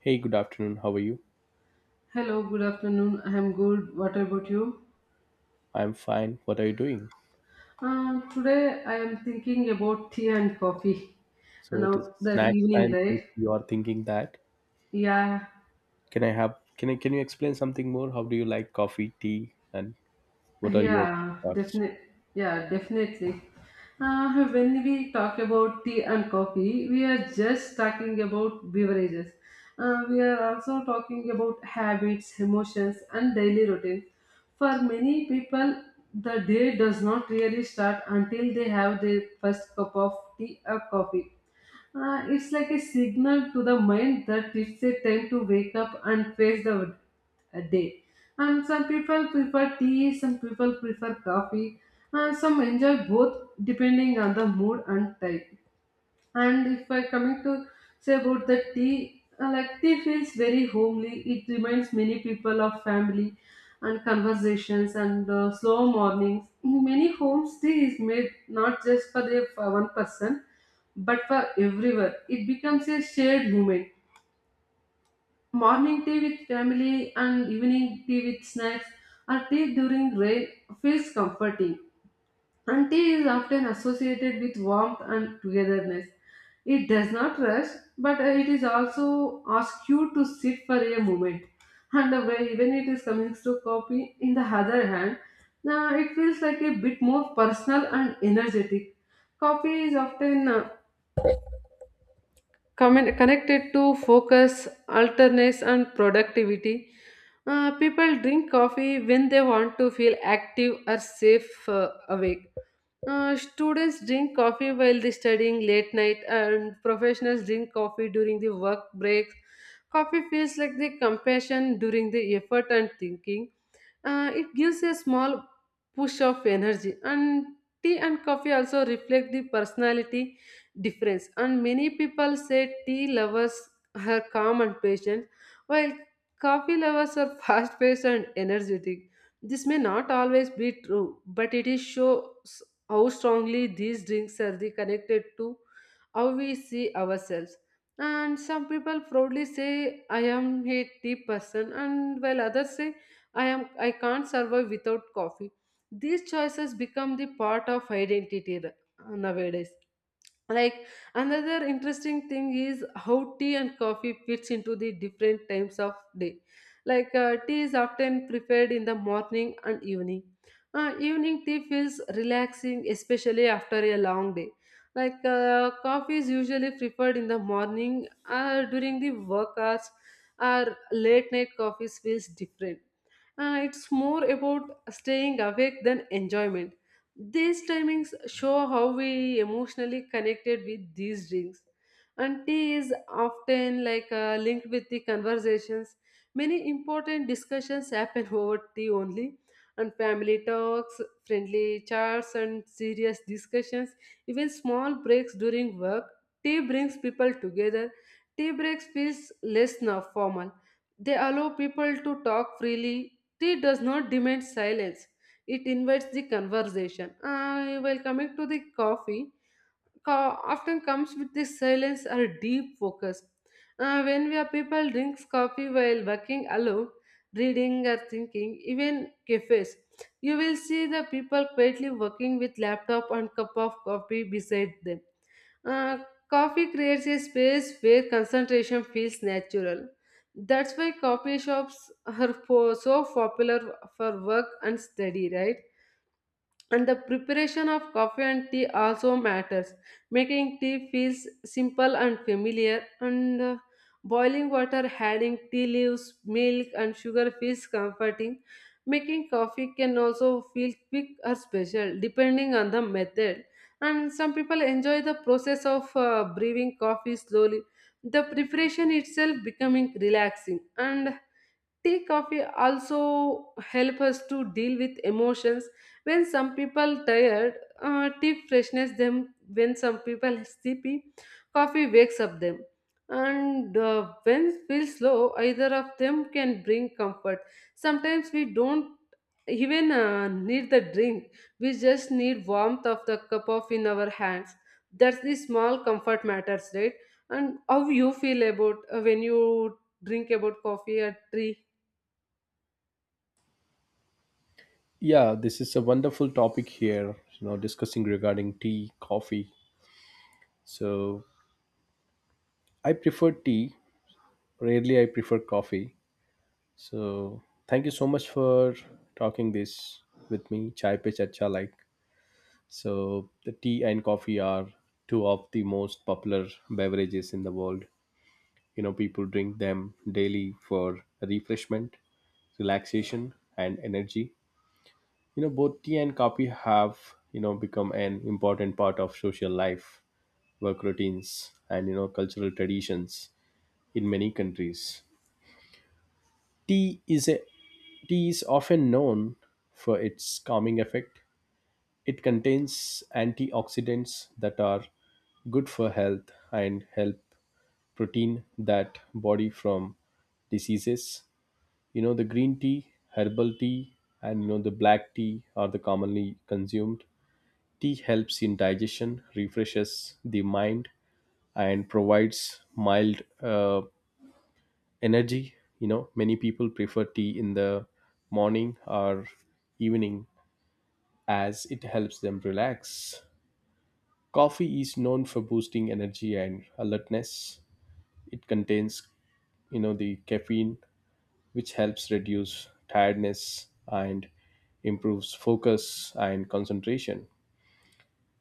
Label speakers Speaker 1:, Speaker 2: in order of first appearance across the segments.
Speaker 1: Hey, good afternoon. How are you?
Speaker 2: Hello, good afternoon. I am good. What about you?
Speaker 1: I'm fine. What are you doing?
Speaker 2: Today I am thinking about tea and coffee.
Speaker 1: So
Speaker 2: And
Speaker 1: it is
Speaker 2: now that
Speaker 1: snacks
Speaker 2: evening,
Speaker 1: time since
Speaker 2: right?
Speaker 1: you are thinking that.
Speaker 2: Yeah,
Speaker 1: Can I have can I Can you explain something more? How do you like coffee, tea, and what are your
Speaker 2: yeah,
Speaker 1: thoughts?
Speaker 2: definitely. Yeah, definitely. When we talk about tea and coffee, we are just talking about beverages. We are also talking about habits, emotions, and daily routines. For many people, the day does not really start until they have their first cup of tea or coffee. It's like a signal to the mind that it's a time to wake up and face the day. And some people prefer tea, some people prefer coffee, and some enjoy both depending on the mood and type. And if I coming to say about the tea, like tea feels very homely. It reminds many people of family and conversations and slow mornings. In many homes, tea is made not just for the for one person, but for everyone. It becomes a shared moment. Morning tea with family and evening tea with snacks or tea during rain feels comforting. Auntie is often associated with warmth and togetherness. It does not rush, but it is also asks you to sit for a moment. And when it is coming to coffee, in the other hand, now it feels like a bit more personal and energetic. Coffee is often connected to focus, alertness, and productivity. People drink coffee when they want to feel active or safe awake. Students drink coffee while they studying late night, and professionals drink coffee during the work breaks. Coffee feels like the compassion during the effort and thinking. It gives a small push of energy, and tea and coffee also reflect the personality difference. And many people say tea lovers are calm and patient, while coffee lovers are fast-paced and energetic. This may not always be true, but it is shows how strongly these drinks are the connected to how we see ourselves. And some people proudly say, I am a tea person, and while others say, I can't survive without coffee. These choices become the part of identity nowadays, like another interesting thing is how tea and coffee fits into the different times of day, like tea is often preferred in the morning and evening. Evening tea feels relaxing especially after a long day, like coffee is usually preferred in the morning during the work hours or late night coffee feels different. It's more about staying awake than enjoyment. These timings show how we emotionally connected with these drinks. And tea is often like linked with the conversations. Many important discussions happen over tea only, and family talks, friendly chats, and serious discussions. Even small breaks during work, tea brings people together. Tea breaks feels less now formal. They allow people to talk freely. Tea does not demand silence, it invites the conversation. While coming to the coffee, often comes with the silence or deep focus. When we are people drinks coffee while working alone, reading or thinking, even cafes, you will see the people quietly working with laptop and cup of coffee beside them. Uh, Coffee creates a space where concentration feels natural. That's why coffee shops are so popular for work and study, right? And the preparation of coffee and tea also matters. Making tea feels simple and familiar, and boiling water, adding tea leaves, milk and sugar feels comforting. Making coffee can also feel quick or special depending on the method, and some people enjoy the process of brewing coffee slowly. The preparation itself becoming relaxing. And tea coffee also help us to deal with emotions. When some people tired, tea freshness them. When some people sleepy, coffee wakes up them. And when feel slow, either of them can bring comfort. Sometimes we don't even need the drink, we just need warmth of the cup of in our hands. That's the small comfort matters, right? And how you feel about when you drink about coffee or tea?
Speaker 1: Yeah, this is a wonderful topic here, discussing regarding tea, coffee. So I prefer tea. Rarely I prefer coffee. So thank you so much for talking this with me. Chai pe charcha, like. So the tea and coffee are two of the most popular beverages in the world. People drink them daily for refreshment, relaxation, and energy. Both tea and coffee have, become an important part of social life, work routines, and cultural traditions in many countries. Tea is a Tea is often known for its calming effect. It contains antioxidants that are good for health and help protein that body from diseases. The green tea, herbal tea, and the black tea are the commonly consumed. Tea helps in digestion, refreshes the mind, and provides mild energy. Many people prefer tea in the morning or evening, as it helps them relax. Coffee is known for boosting energy and alertness. It contains, the caffeine, which helps reduce tiredness and improves focus and concentration.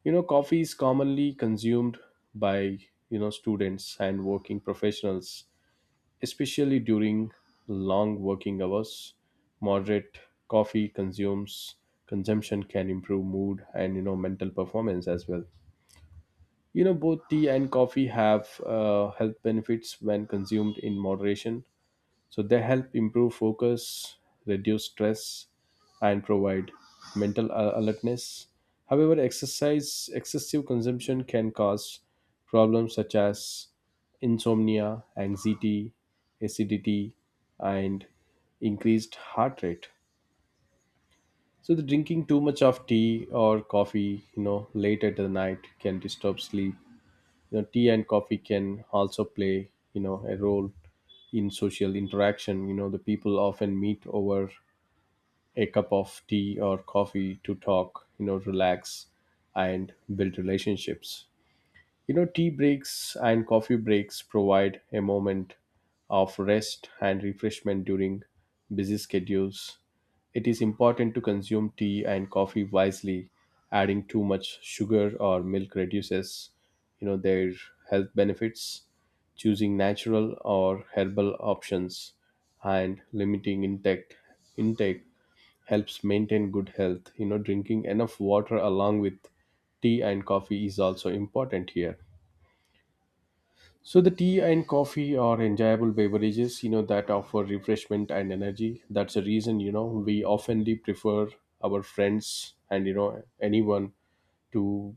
Speaker 1: Coffee is commonly consumed by, students and working professionals, especially during long working hours. Moderate coffee consumes consumption can improve mood and, mental performance as well. Both tea and coffee have health benefits when consumed in moderation. So they help improve focus, reduce stress, and provide mental alertness. However, exercise excessive consumption can cause problems such as insomnia, anxiety, acidity, and increased heart rate. So the drinking too much of tea or coffee, late at the night can disturb sleep. Tea and coffee can also play a role in social interaction. The people often meet over a cup of tea or coffee to talk, relax, and build relationships. Tea breaks and coffee breaks provide a moment of rest and refreshment during busy schedules. It is important to consume tea and coffee wisely. Adding too much sugar or milk reduces, their health benefits. Choosing natural or herbal options and limiting intake helps maintain good health. Drinking enough water along with tea and coffee is also important here. So the tea and coffee are enjoyable beverages, that offer refreshment and energy. That's the reason, we oftenly prefer our friends and anyone to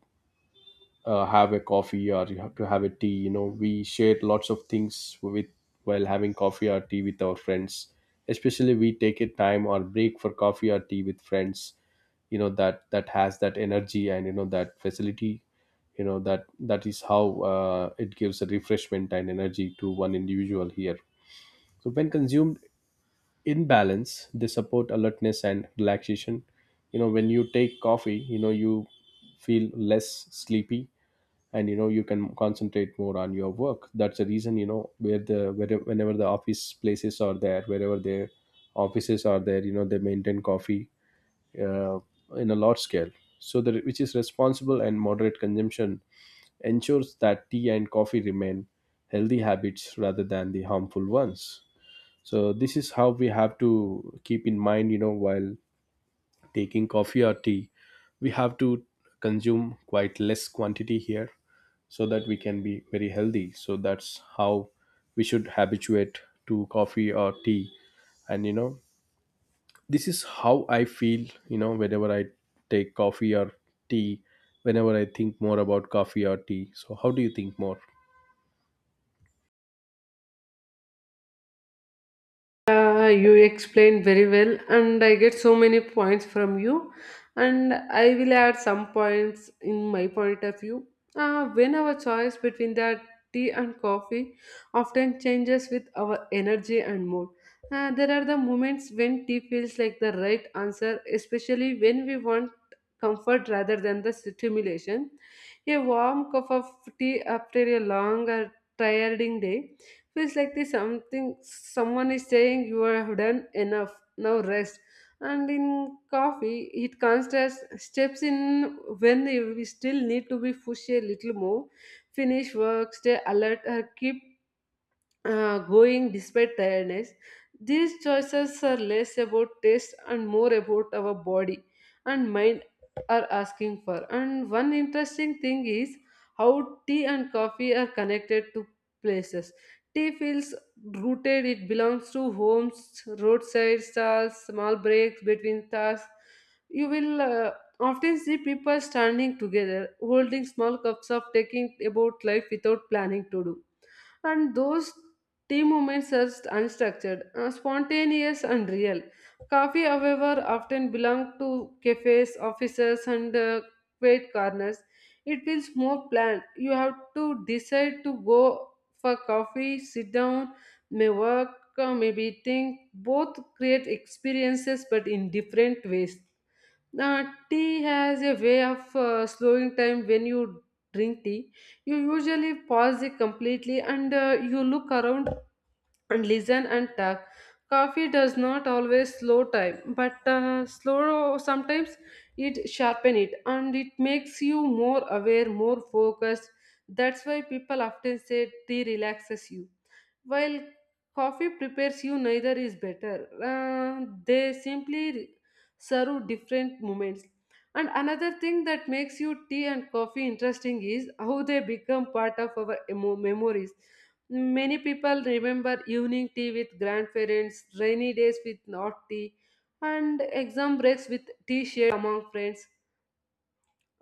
Speaker 1: have a coffee, or you have to have a tea. We share lots of things with while having coffee or tea with our friends. Especially, we take a time or break for coffee or tea with friends. That has that energy, and that facility. That is how it gives a refreshment and energy to one individual here. So when consumed in balance, they support alertness and relaxation. When you take coffee, you feel less sleepy, and you can concentrate more on your work. That's the reason, whenever the office places are there, wherever their offices are there, they maintain coffee uh, in a large scale. So, which is responsible and moderate consumption ensures that tea and coffee remain healthy habits rather than the harmful ones. So, this is how we have to keep in mind, while taking coffee or tea, we have to consume quite less quantity here, so that we can be very healthy. So that's how we should habituate to coffee or tea. And this is how I feel, whenever I take coffee or tea, whenever I think more about coffee or tea. So, how do you think more?
Speaker 2: You explained very well, and I get so many points from you. And I will add some points in my point of view. When our choice between the tea and coffee often changes with our energy and mood. There are the moments when tea feels like the right answer, especially when we want comfort rather than the stimulation. A warm cup of tea after a long or tiring day feels like this something someone is saying you have done enough, now rest. And in coffee, it considers steps in when we still need to be pushed a little more, finish work, stay alert, or keep going despite tiredness. These choices are less about taste and more about our body and mind are asking for. And one interesting thing is how tea and coffee are connected to places. Tea feels rooted, it belongs to homes, roadside stalls, small breaks between tasks. You will often see people standing together, holding small cups of taking about life without planning to do, and those tea moments are unstructured, spontaneous, and real. Coffee, however, often belong to cafes, offices, and quiet corners. It feels more planned. You have to decide to go for coffee, sit down, may work, maybe think. Both create experiences, but in different ways. Now, tea has a way of slowing time when you drink tea. You usually pause it completely and you look around and listen and talk. Coffee does not always slow time, but slow sometimes it sharpen it and it makes you more aware, more focused. That's why people often say tea relaxes you. While coffee prepares you, neither is better. They simply serve different moments. And another thing that makes you tea and coffee interesting is how they become part of our memories. Many people remember evening tea with grandparents, rainy days with hot tea, and exam breaks with tea shared among friends.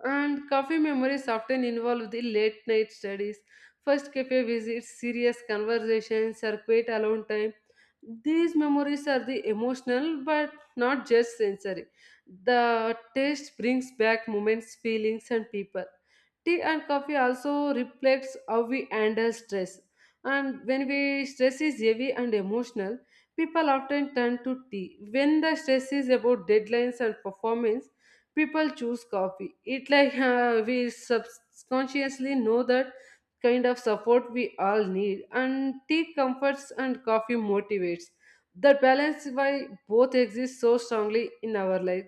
Speaker 2: And cafe memories often involve the late night studies, first cafe visits, serious conversations, or quiet alone time. These memories are the emotional but not just sensory. The taste brings back moments, feelings, and people. Tea and coffee also reflects how we handle stress. And when we stress is heavy and emotional, people often turn to tea. When the stress is about deadlines and performance, people choose coffee it like we subconsciously know that kind of support we all need, and tea comforts and coffee motivates the balance why both exist so strongly in our life.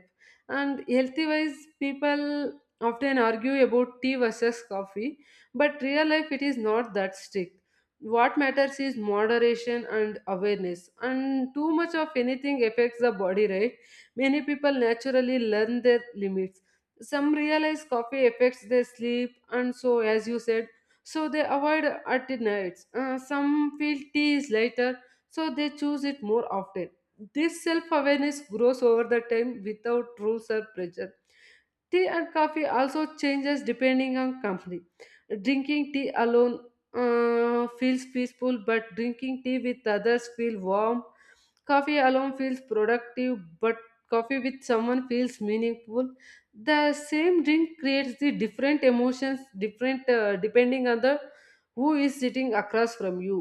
Speaker 2: And healthy wise people often argue about tea versus coffee, but real life it is not that strict. What matters is moderation and awareness, and too much of anything affects the body, right? Many people naturally learn their limits. Some realize coffee affects their sleep, and so, as you said, so they avoid at nights. Some feel tea is lighter, so they choose it more often. This self awareness grows over the time without rules or pressure. Tea and coffee also changes depending on company. Drinking tea alone feels peaceful, but drinking tea with others feels warm. Coffee alone feels productive, but coffee with someone feels meaningful. The same drink creates the different emotions, different depending on the who is sitting across from you.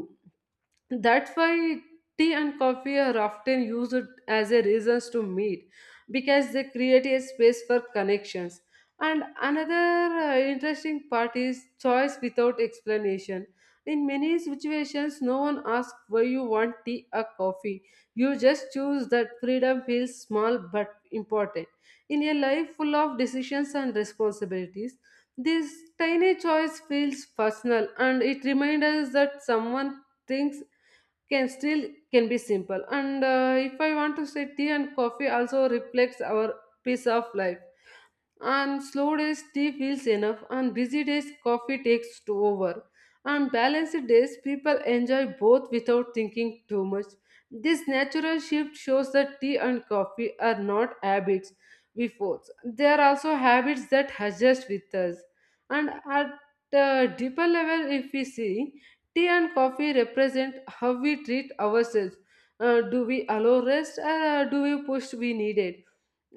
Speaker 2: That's why tea and coffee are often used as a reasons to meet because they create a space for connections. And another interesting part is choice without explanation. In many situations no one asks why you want tea or coffee, you just choose. That freedom feels small but important in a life full of decisions and responsibilities. This tiny choice feels personal, and it reminds us that someone thinks can still can be simple. And if I want to say, tea and coffee also reflects our piece of life. On slow days, tea feels enough. On busy days, coffee takes to over. On balanced days, people enjoy both without thinking too much. This natural shift shows that tea and coffee are not habits we force. They are also habits that adjust with us. And at a deeper level, if we see, tea and coffee represent how we treat ourselves. Do we allow rest, or do we push we need it?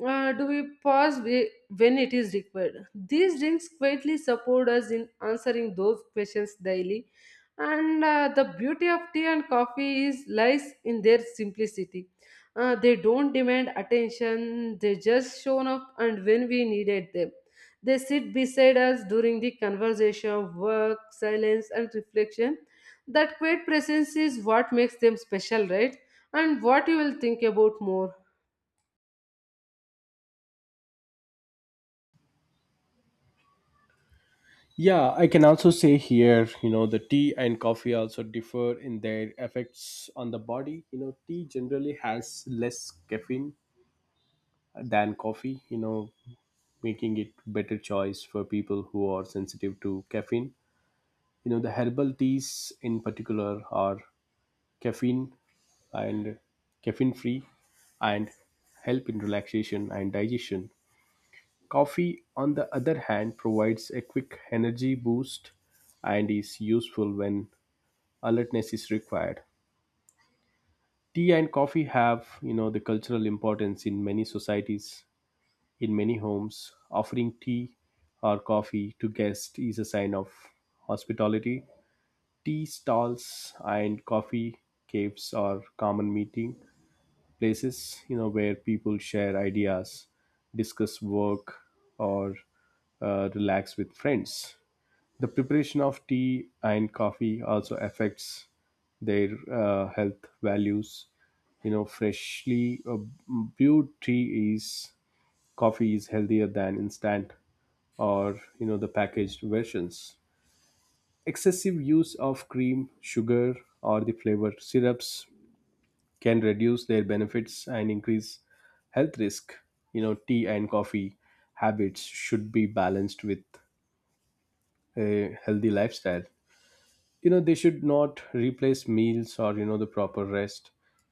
Speaker 2: Do we pause when it is required? These drinks quietly support us in answering those questions daily. And the beauty of tea and coffee is lies in their simplicity. They don't demand attention; they just show up, and when we needed them, they sit beside us during the conversation, work, silence, and reflection. That quiet presence is what makes them special, right? And what you will think about more.
Speaker 1: Yeah, I can also say here, the tea and coffee also differ in their effects on the body. Tea generally has less caffeine than coffee, making it better choice for people who are sensitive to caffeine. The herbal teas in particular are caffeine and caffeine free, and help in relaxation and digestion. Coffee, on the other hand, provides a quick energy boost and is useful when alertness is required. Tea and coffee have, the cultural importance in many societies, in many homes. Offering tea or coffee to guests is a sign of hospitality. Tea stalls and coffee caves are common meeting places where people share ideas, discuss work, or relax with friends. The preparation of tea and coffee also affects their health values. Freshly brewed tea is coffee is healthier than instant or the packaged versions. Excessive use of cream, sugar, or the flavored syrups can reduce their benefits and increase health risk. Tea and coffee habits should be balanced with a healthy lifestyle. They should not replace meals or the proper rest.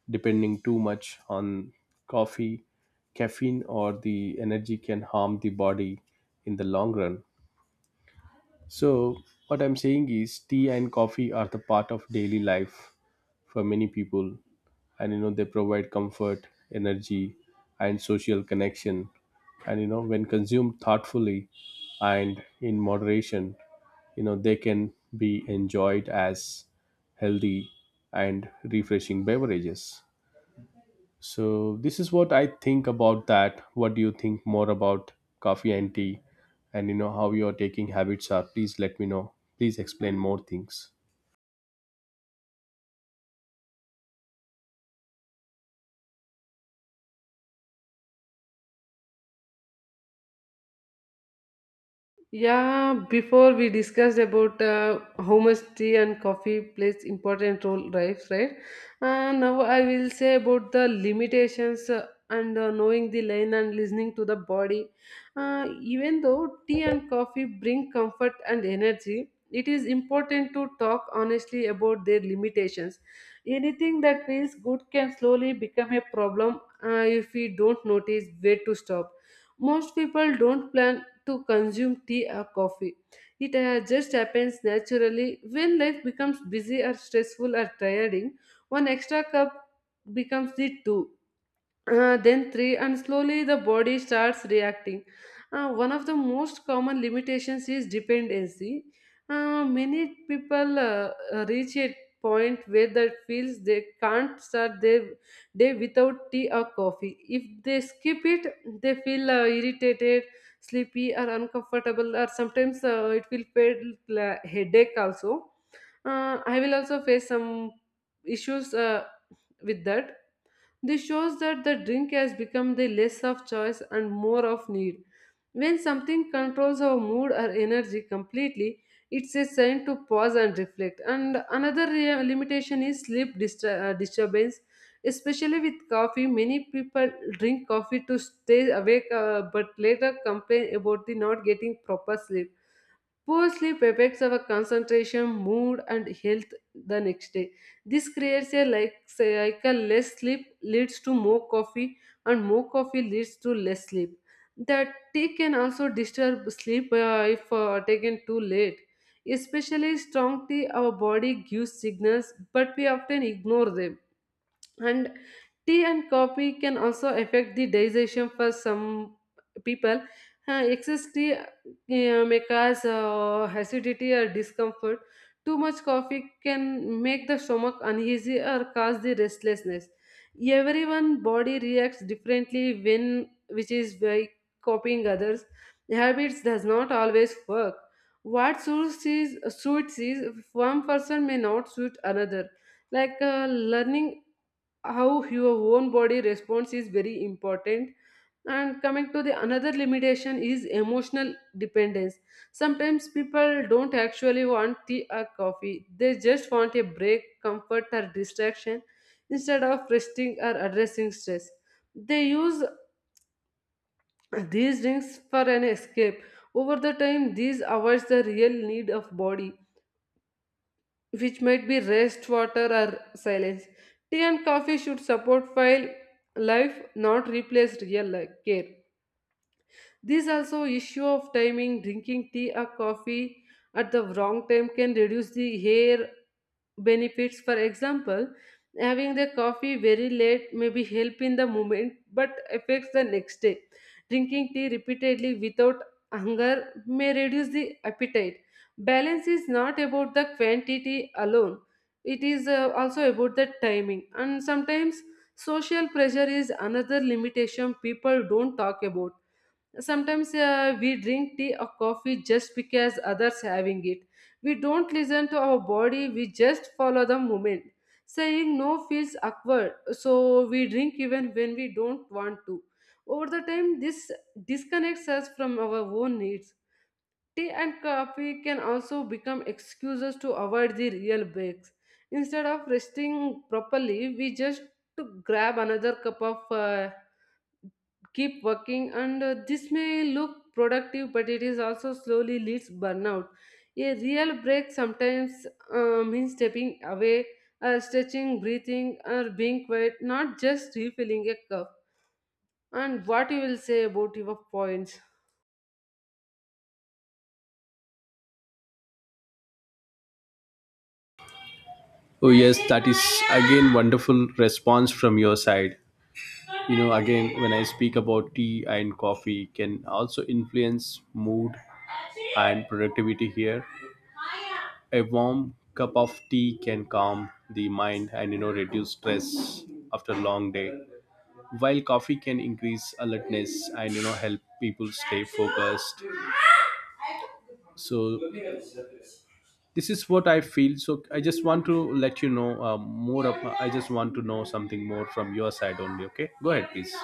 Speaker 1: Depending too much on coffee, caffeine, or the energy can harm the body in the long run. So what I'm saying is, tea and coffee are the part of daily life for many people, and they provide comfort, energy, and social connection. And when consumed thoughtfully and in moderation, they can be enjoyed as healthy and refreshing beverages. So this is what I think about that. What do you think more about coffee and tea, and how your taking habits are? Please let me know. Please explain more things.
Speaker 2: Yeah, before we discussed about how much tea and coffee plays important role, right? Right. Now I will say about the limitations and knowing the line and listening to the body. Even though tea and coffee bring comfort and energy, it is important to talk honestly about their limitations. Anything that feels good can slowly become a problem if we don't notice where to stop. Most people don't plan to consume tea or coffee. It just happens naturally when life becomes busy or stressful or tiring. One extra cup becomes the two, then three, and slowly the body starts reacting. One of the most common limitations is dependency. Many people reach a point where they feels they can't start their day without tea or coffee. If they skip it, they feel irritated, sleepy or uncomfortable, or sometimes it will feel like headache also. I will also face some issues with that. This shows that the drink has become the less of choice and more of need. When something controls our mood or energy completely, it's a sign to pause and reflect. And another limitation is sleep disturbance. Especially with coffee, many people drink coffee to stay awake, but later complain about the not getting proper sleep. Poor sleep affects our concentration, mood, and health the next day. This creates a like cycle. Less sleep leads to more coffee, and more coffee leads to less sleep. The tea can also disturb sleep if taken too late. Especially strong tea, our body gives signals, but we often ignore them. And tea and coffee can also affect the digestion for some people. Excess tea may cause acidity or discomfort. Too much coffee can make the stomach uneasy or cause the restlessness. Everyone body reacts differently when, which is by copying others habits does not always work. What suits is one person may not suit another, like uh, learning how your own body responds is very important. And coming to the another limitation is emotional dependence. Sometimes people don't actually want tea or coffee, they just want a break, comfort or distraction. Instead of resting or addressing stress, they use these drinks for an escape. Over the time, these avoids the real need of body, which might be rest, water, or silence. Tea and coffee should support while life, not replace real life care. This also issue of timing, drinking tea or coffee at the wrong time can reduce the hair benefits. For example, having the coffee very late may be help in the moment but affects the next day. Drinking tea repeatedly without hunger may reduce the appetite. Balance is not about the quantity alone, it is also about the timing. And sometimes social pressure is another limitation people don't talk about. Sometimes we drink tea or coffee just because others having it. We don't listen to our body, we just follow the movement. Saying no feels awkward, so we drink even when we don't want to. Over the time this disconnects us from our own needs. Tea and coffee can also become excuses to avoid the real breaks. Instead of resting properly, we just to grab another cup of, keep working, and this may look productive, but it is also slowly leads burnout. A real break sometimes means stepping away, stretching, breathing, or being quiet, not just refilling a cup. And what you will say about your points?
Speaker 1: Oh yes, that is again wonderful response from your side. Again, when I speak about tea and coffee, can also influence mood and productivity here. A warm cup of tea can calm the mind and reduce stress after a long day, while coffee can increase alertness and help people stay focused. So this is what I feel. So I just want to let you know, more of I just want to know something more from your side only. Okay, go ahead please.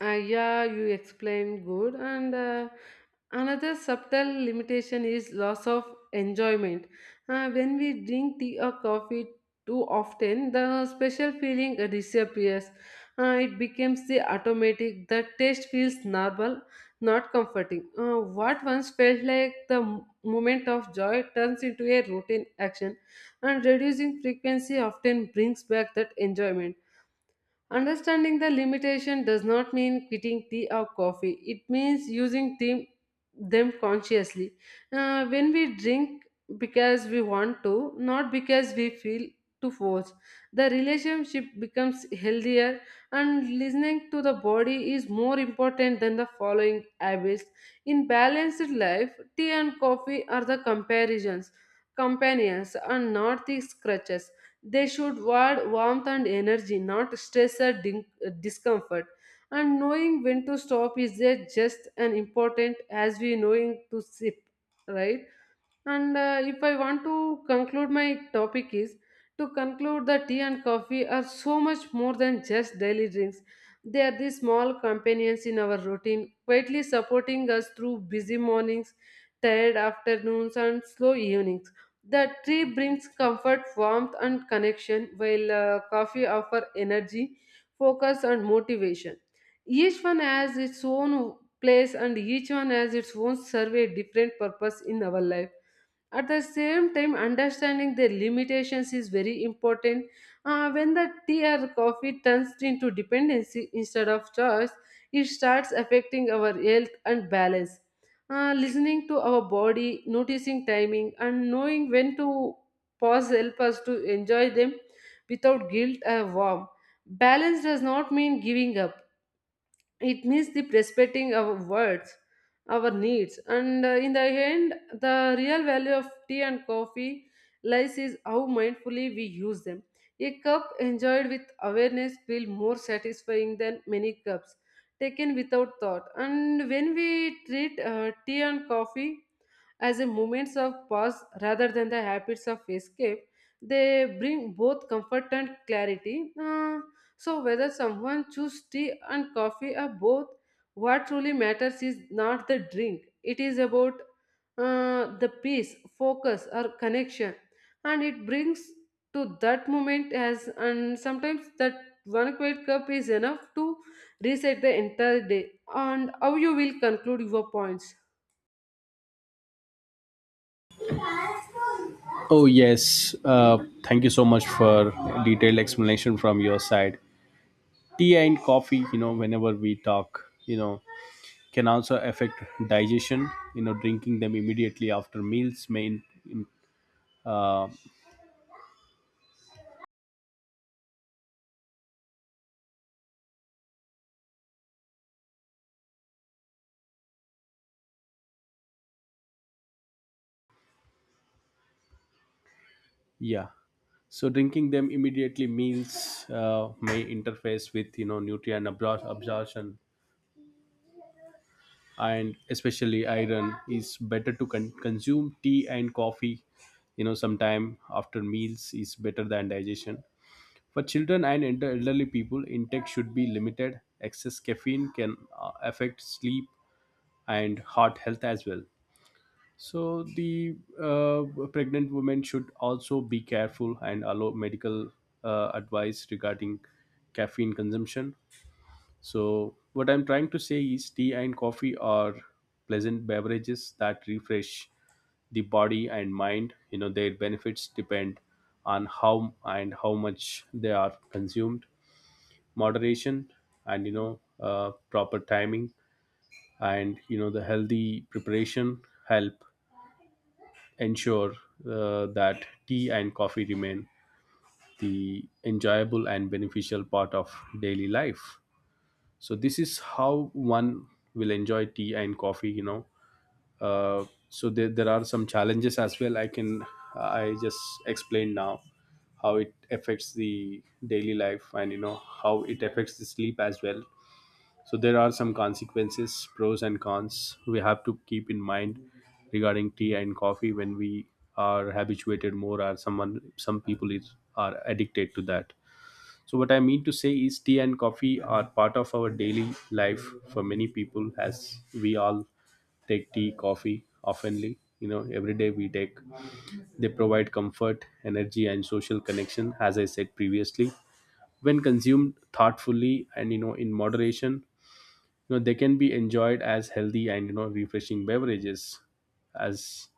Speaker 2: Yeah, you explained good. And another subtle limitation is loss of enjoyment. When we drink tea or coffee too often, the special feeling disappears. It becomes the automatic. The taste feels normal, not comforting. What once felt like the moment of joy turns into a routine action, and reducing frequency often brings back that enjoyment. Understanding the limitation does not mean quitting tea or coffee. It means using them consciously. When we drink because we want to, not because we feel to force, the relationship becomes healthier, and listening to the body is more important than the following habits. In balanced life, tea and coffee are the companions and not the scratches. They should want warmth and energy, not stress or discomfort. And knowing when to stop is a just as important as we knowing to sip, right? And if I want to conclude my topic is to conclude that tea and coffee are so much more than just daily drinks. They are the small companions in our routine, quietly supporting us through busy mornings, tired afternoons, and slow evenings. The tea brings comfort, warmth, and connection, while coffee offer energy, focus, and motivation. Each one has its own place, and each one has its own serve a different purpose in our life. At the same time, understanding their limitations is very important. When the tea or coffee turns into dependency instead of choice, it starts affecting our health and balance. Listening to our body, noticing timing, and knowing when to pause help us to enjoy them without guilt or harm. Balance does not mean giving up, it means the respecting our words, our needs. And in the end, the real value of tea and coffee lies is how mindfully we use them. A cup enjoyed with awareness will more satisfying than many cups taken without thought. And when we treat tea and coffee as a moments of pause rather than the habits of escape, they bring both comfort and clarity. So whether someone choose tea and coffee or both, what truly matters is not the drink. It is about the peace, focus or connection, and it brings to that moment. As and sometimes that one quiet cup is enough to reset the entire day. And how you will conclude your points?
Speaker 1: Oh, yes. Thank you so much for detailed explanation from your side. Tea and coffee, whenever we talk, can also affect digestion. Drinking them immediately after meals may, in- yeah. So drinking them immediately meals may interface with nutrient absorption, and especially iron is better to consume. Tea and coffee, sometime after meals is better than digestion. For children and elderly people, intake should be limited. Excess caffeine can affect sleep and heart health as well. So the pregnant women should also be careful and allow medical advice regarding caffeine consumption. So what I'm trying to say is, tea and coffee are pleasant beverages that refresh the body and mind. Their benefits depend on how and how much they are consumed. Moderation, and proper timing, and the healthy preparation, help ensure that tea and coffee remain the enjoyable and beneficial part of daily life. So this is how one will enjoy tea and coffee, so there are some challenges as well. I just explained now how it affects the daily life, and how it affects the sleep as well. So there are some consequences, pros and cons, we have to keep in mind regarding tea and coffee, when we are habituated more, or some people is are addicted to that. So what I mean to say is, tea and coffee are part of our daily life for many people, as we all take tea, coffee oftenly. Every day we take. They provide comfort, energy, and social connection, as I said previously. When consumed thoughtfully and in moderation, they can be enjoyed as healthy and refreshing beverages, as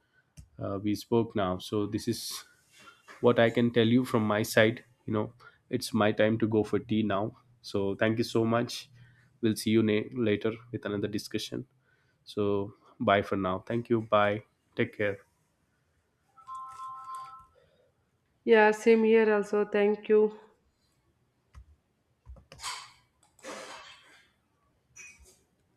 Speaker 1: we spoke now. So this is what I can tell you from my side. It's my time to go for tea now, so thank you so much. We'll see you later with another discussion. So bye for now. Thank you. Bye. Take care.
Speaker 2: Yeah, same here also. Thank you.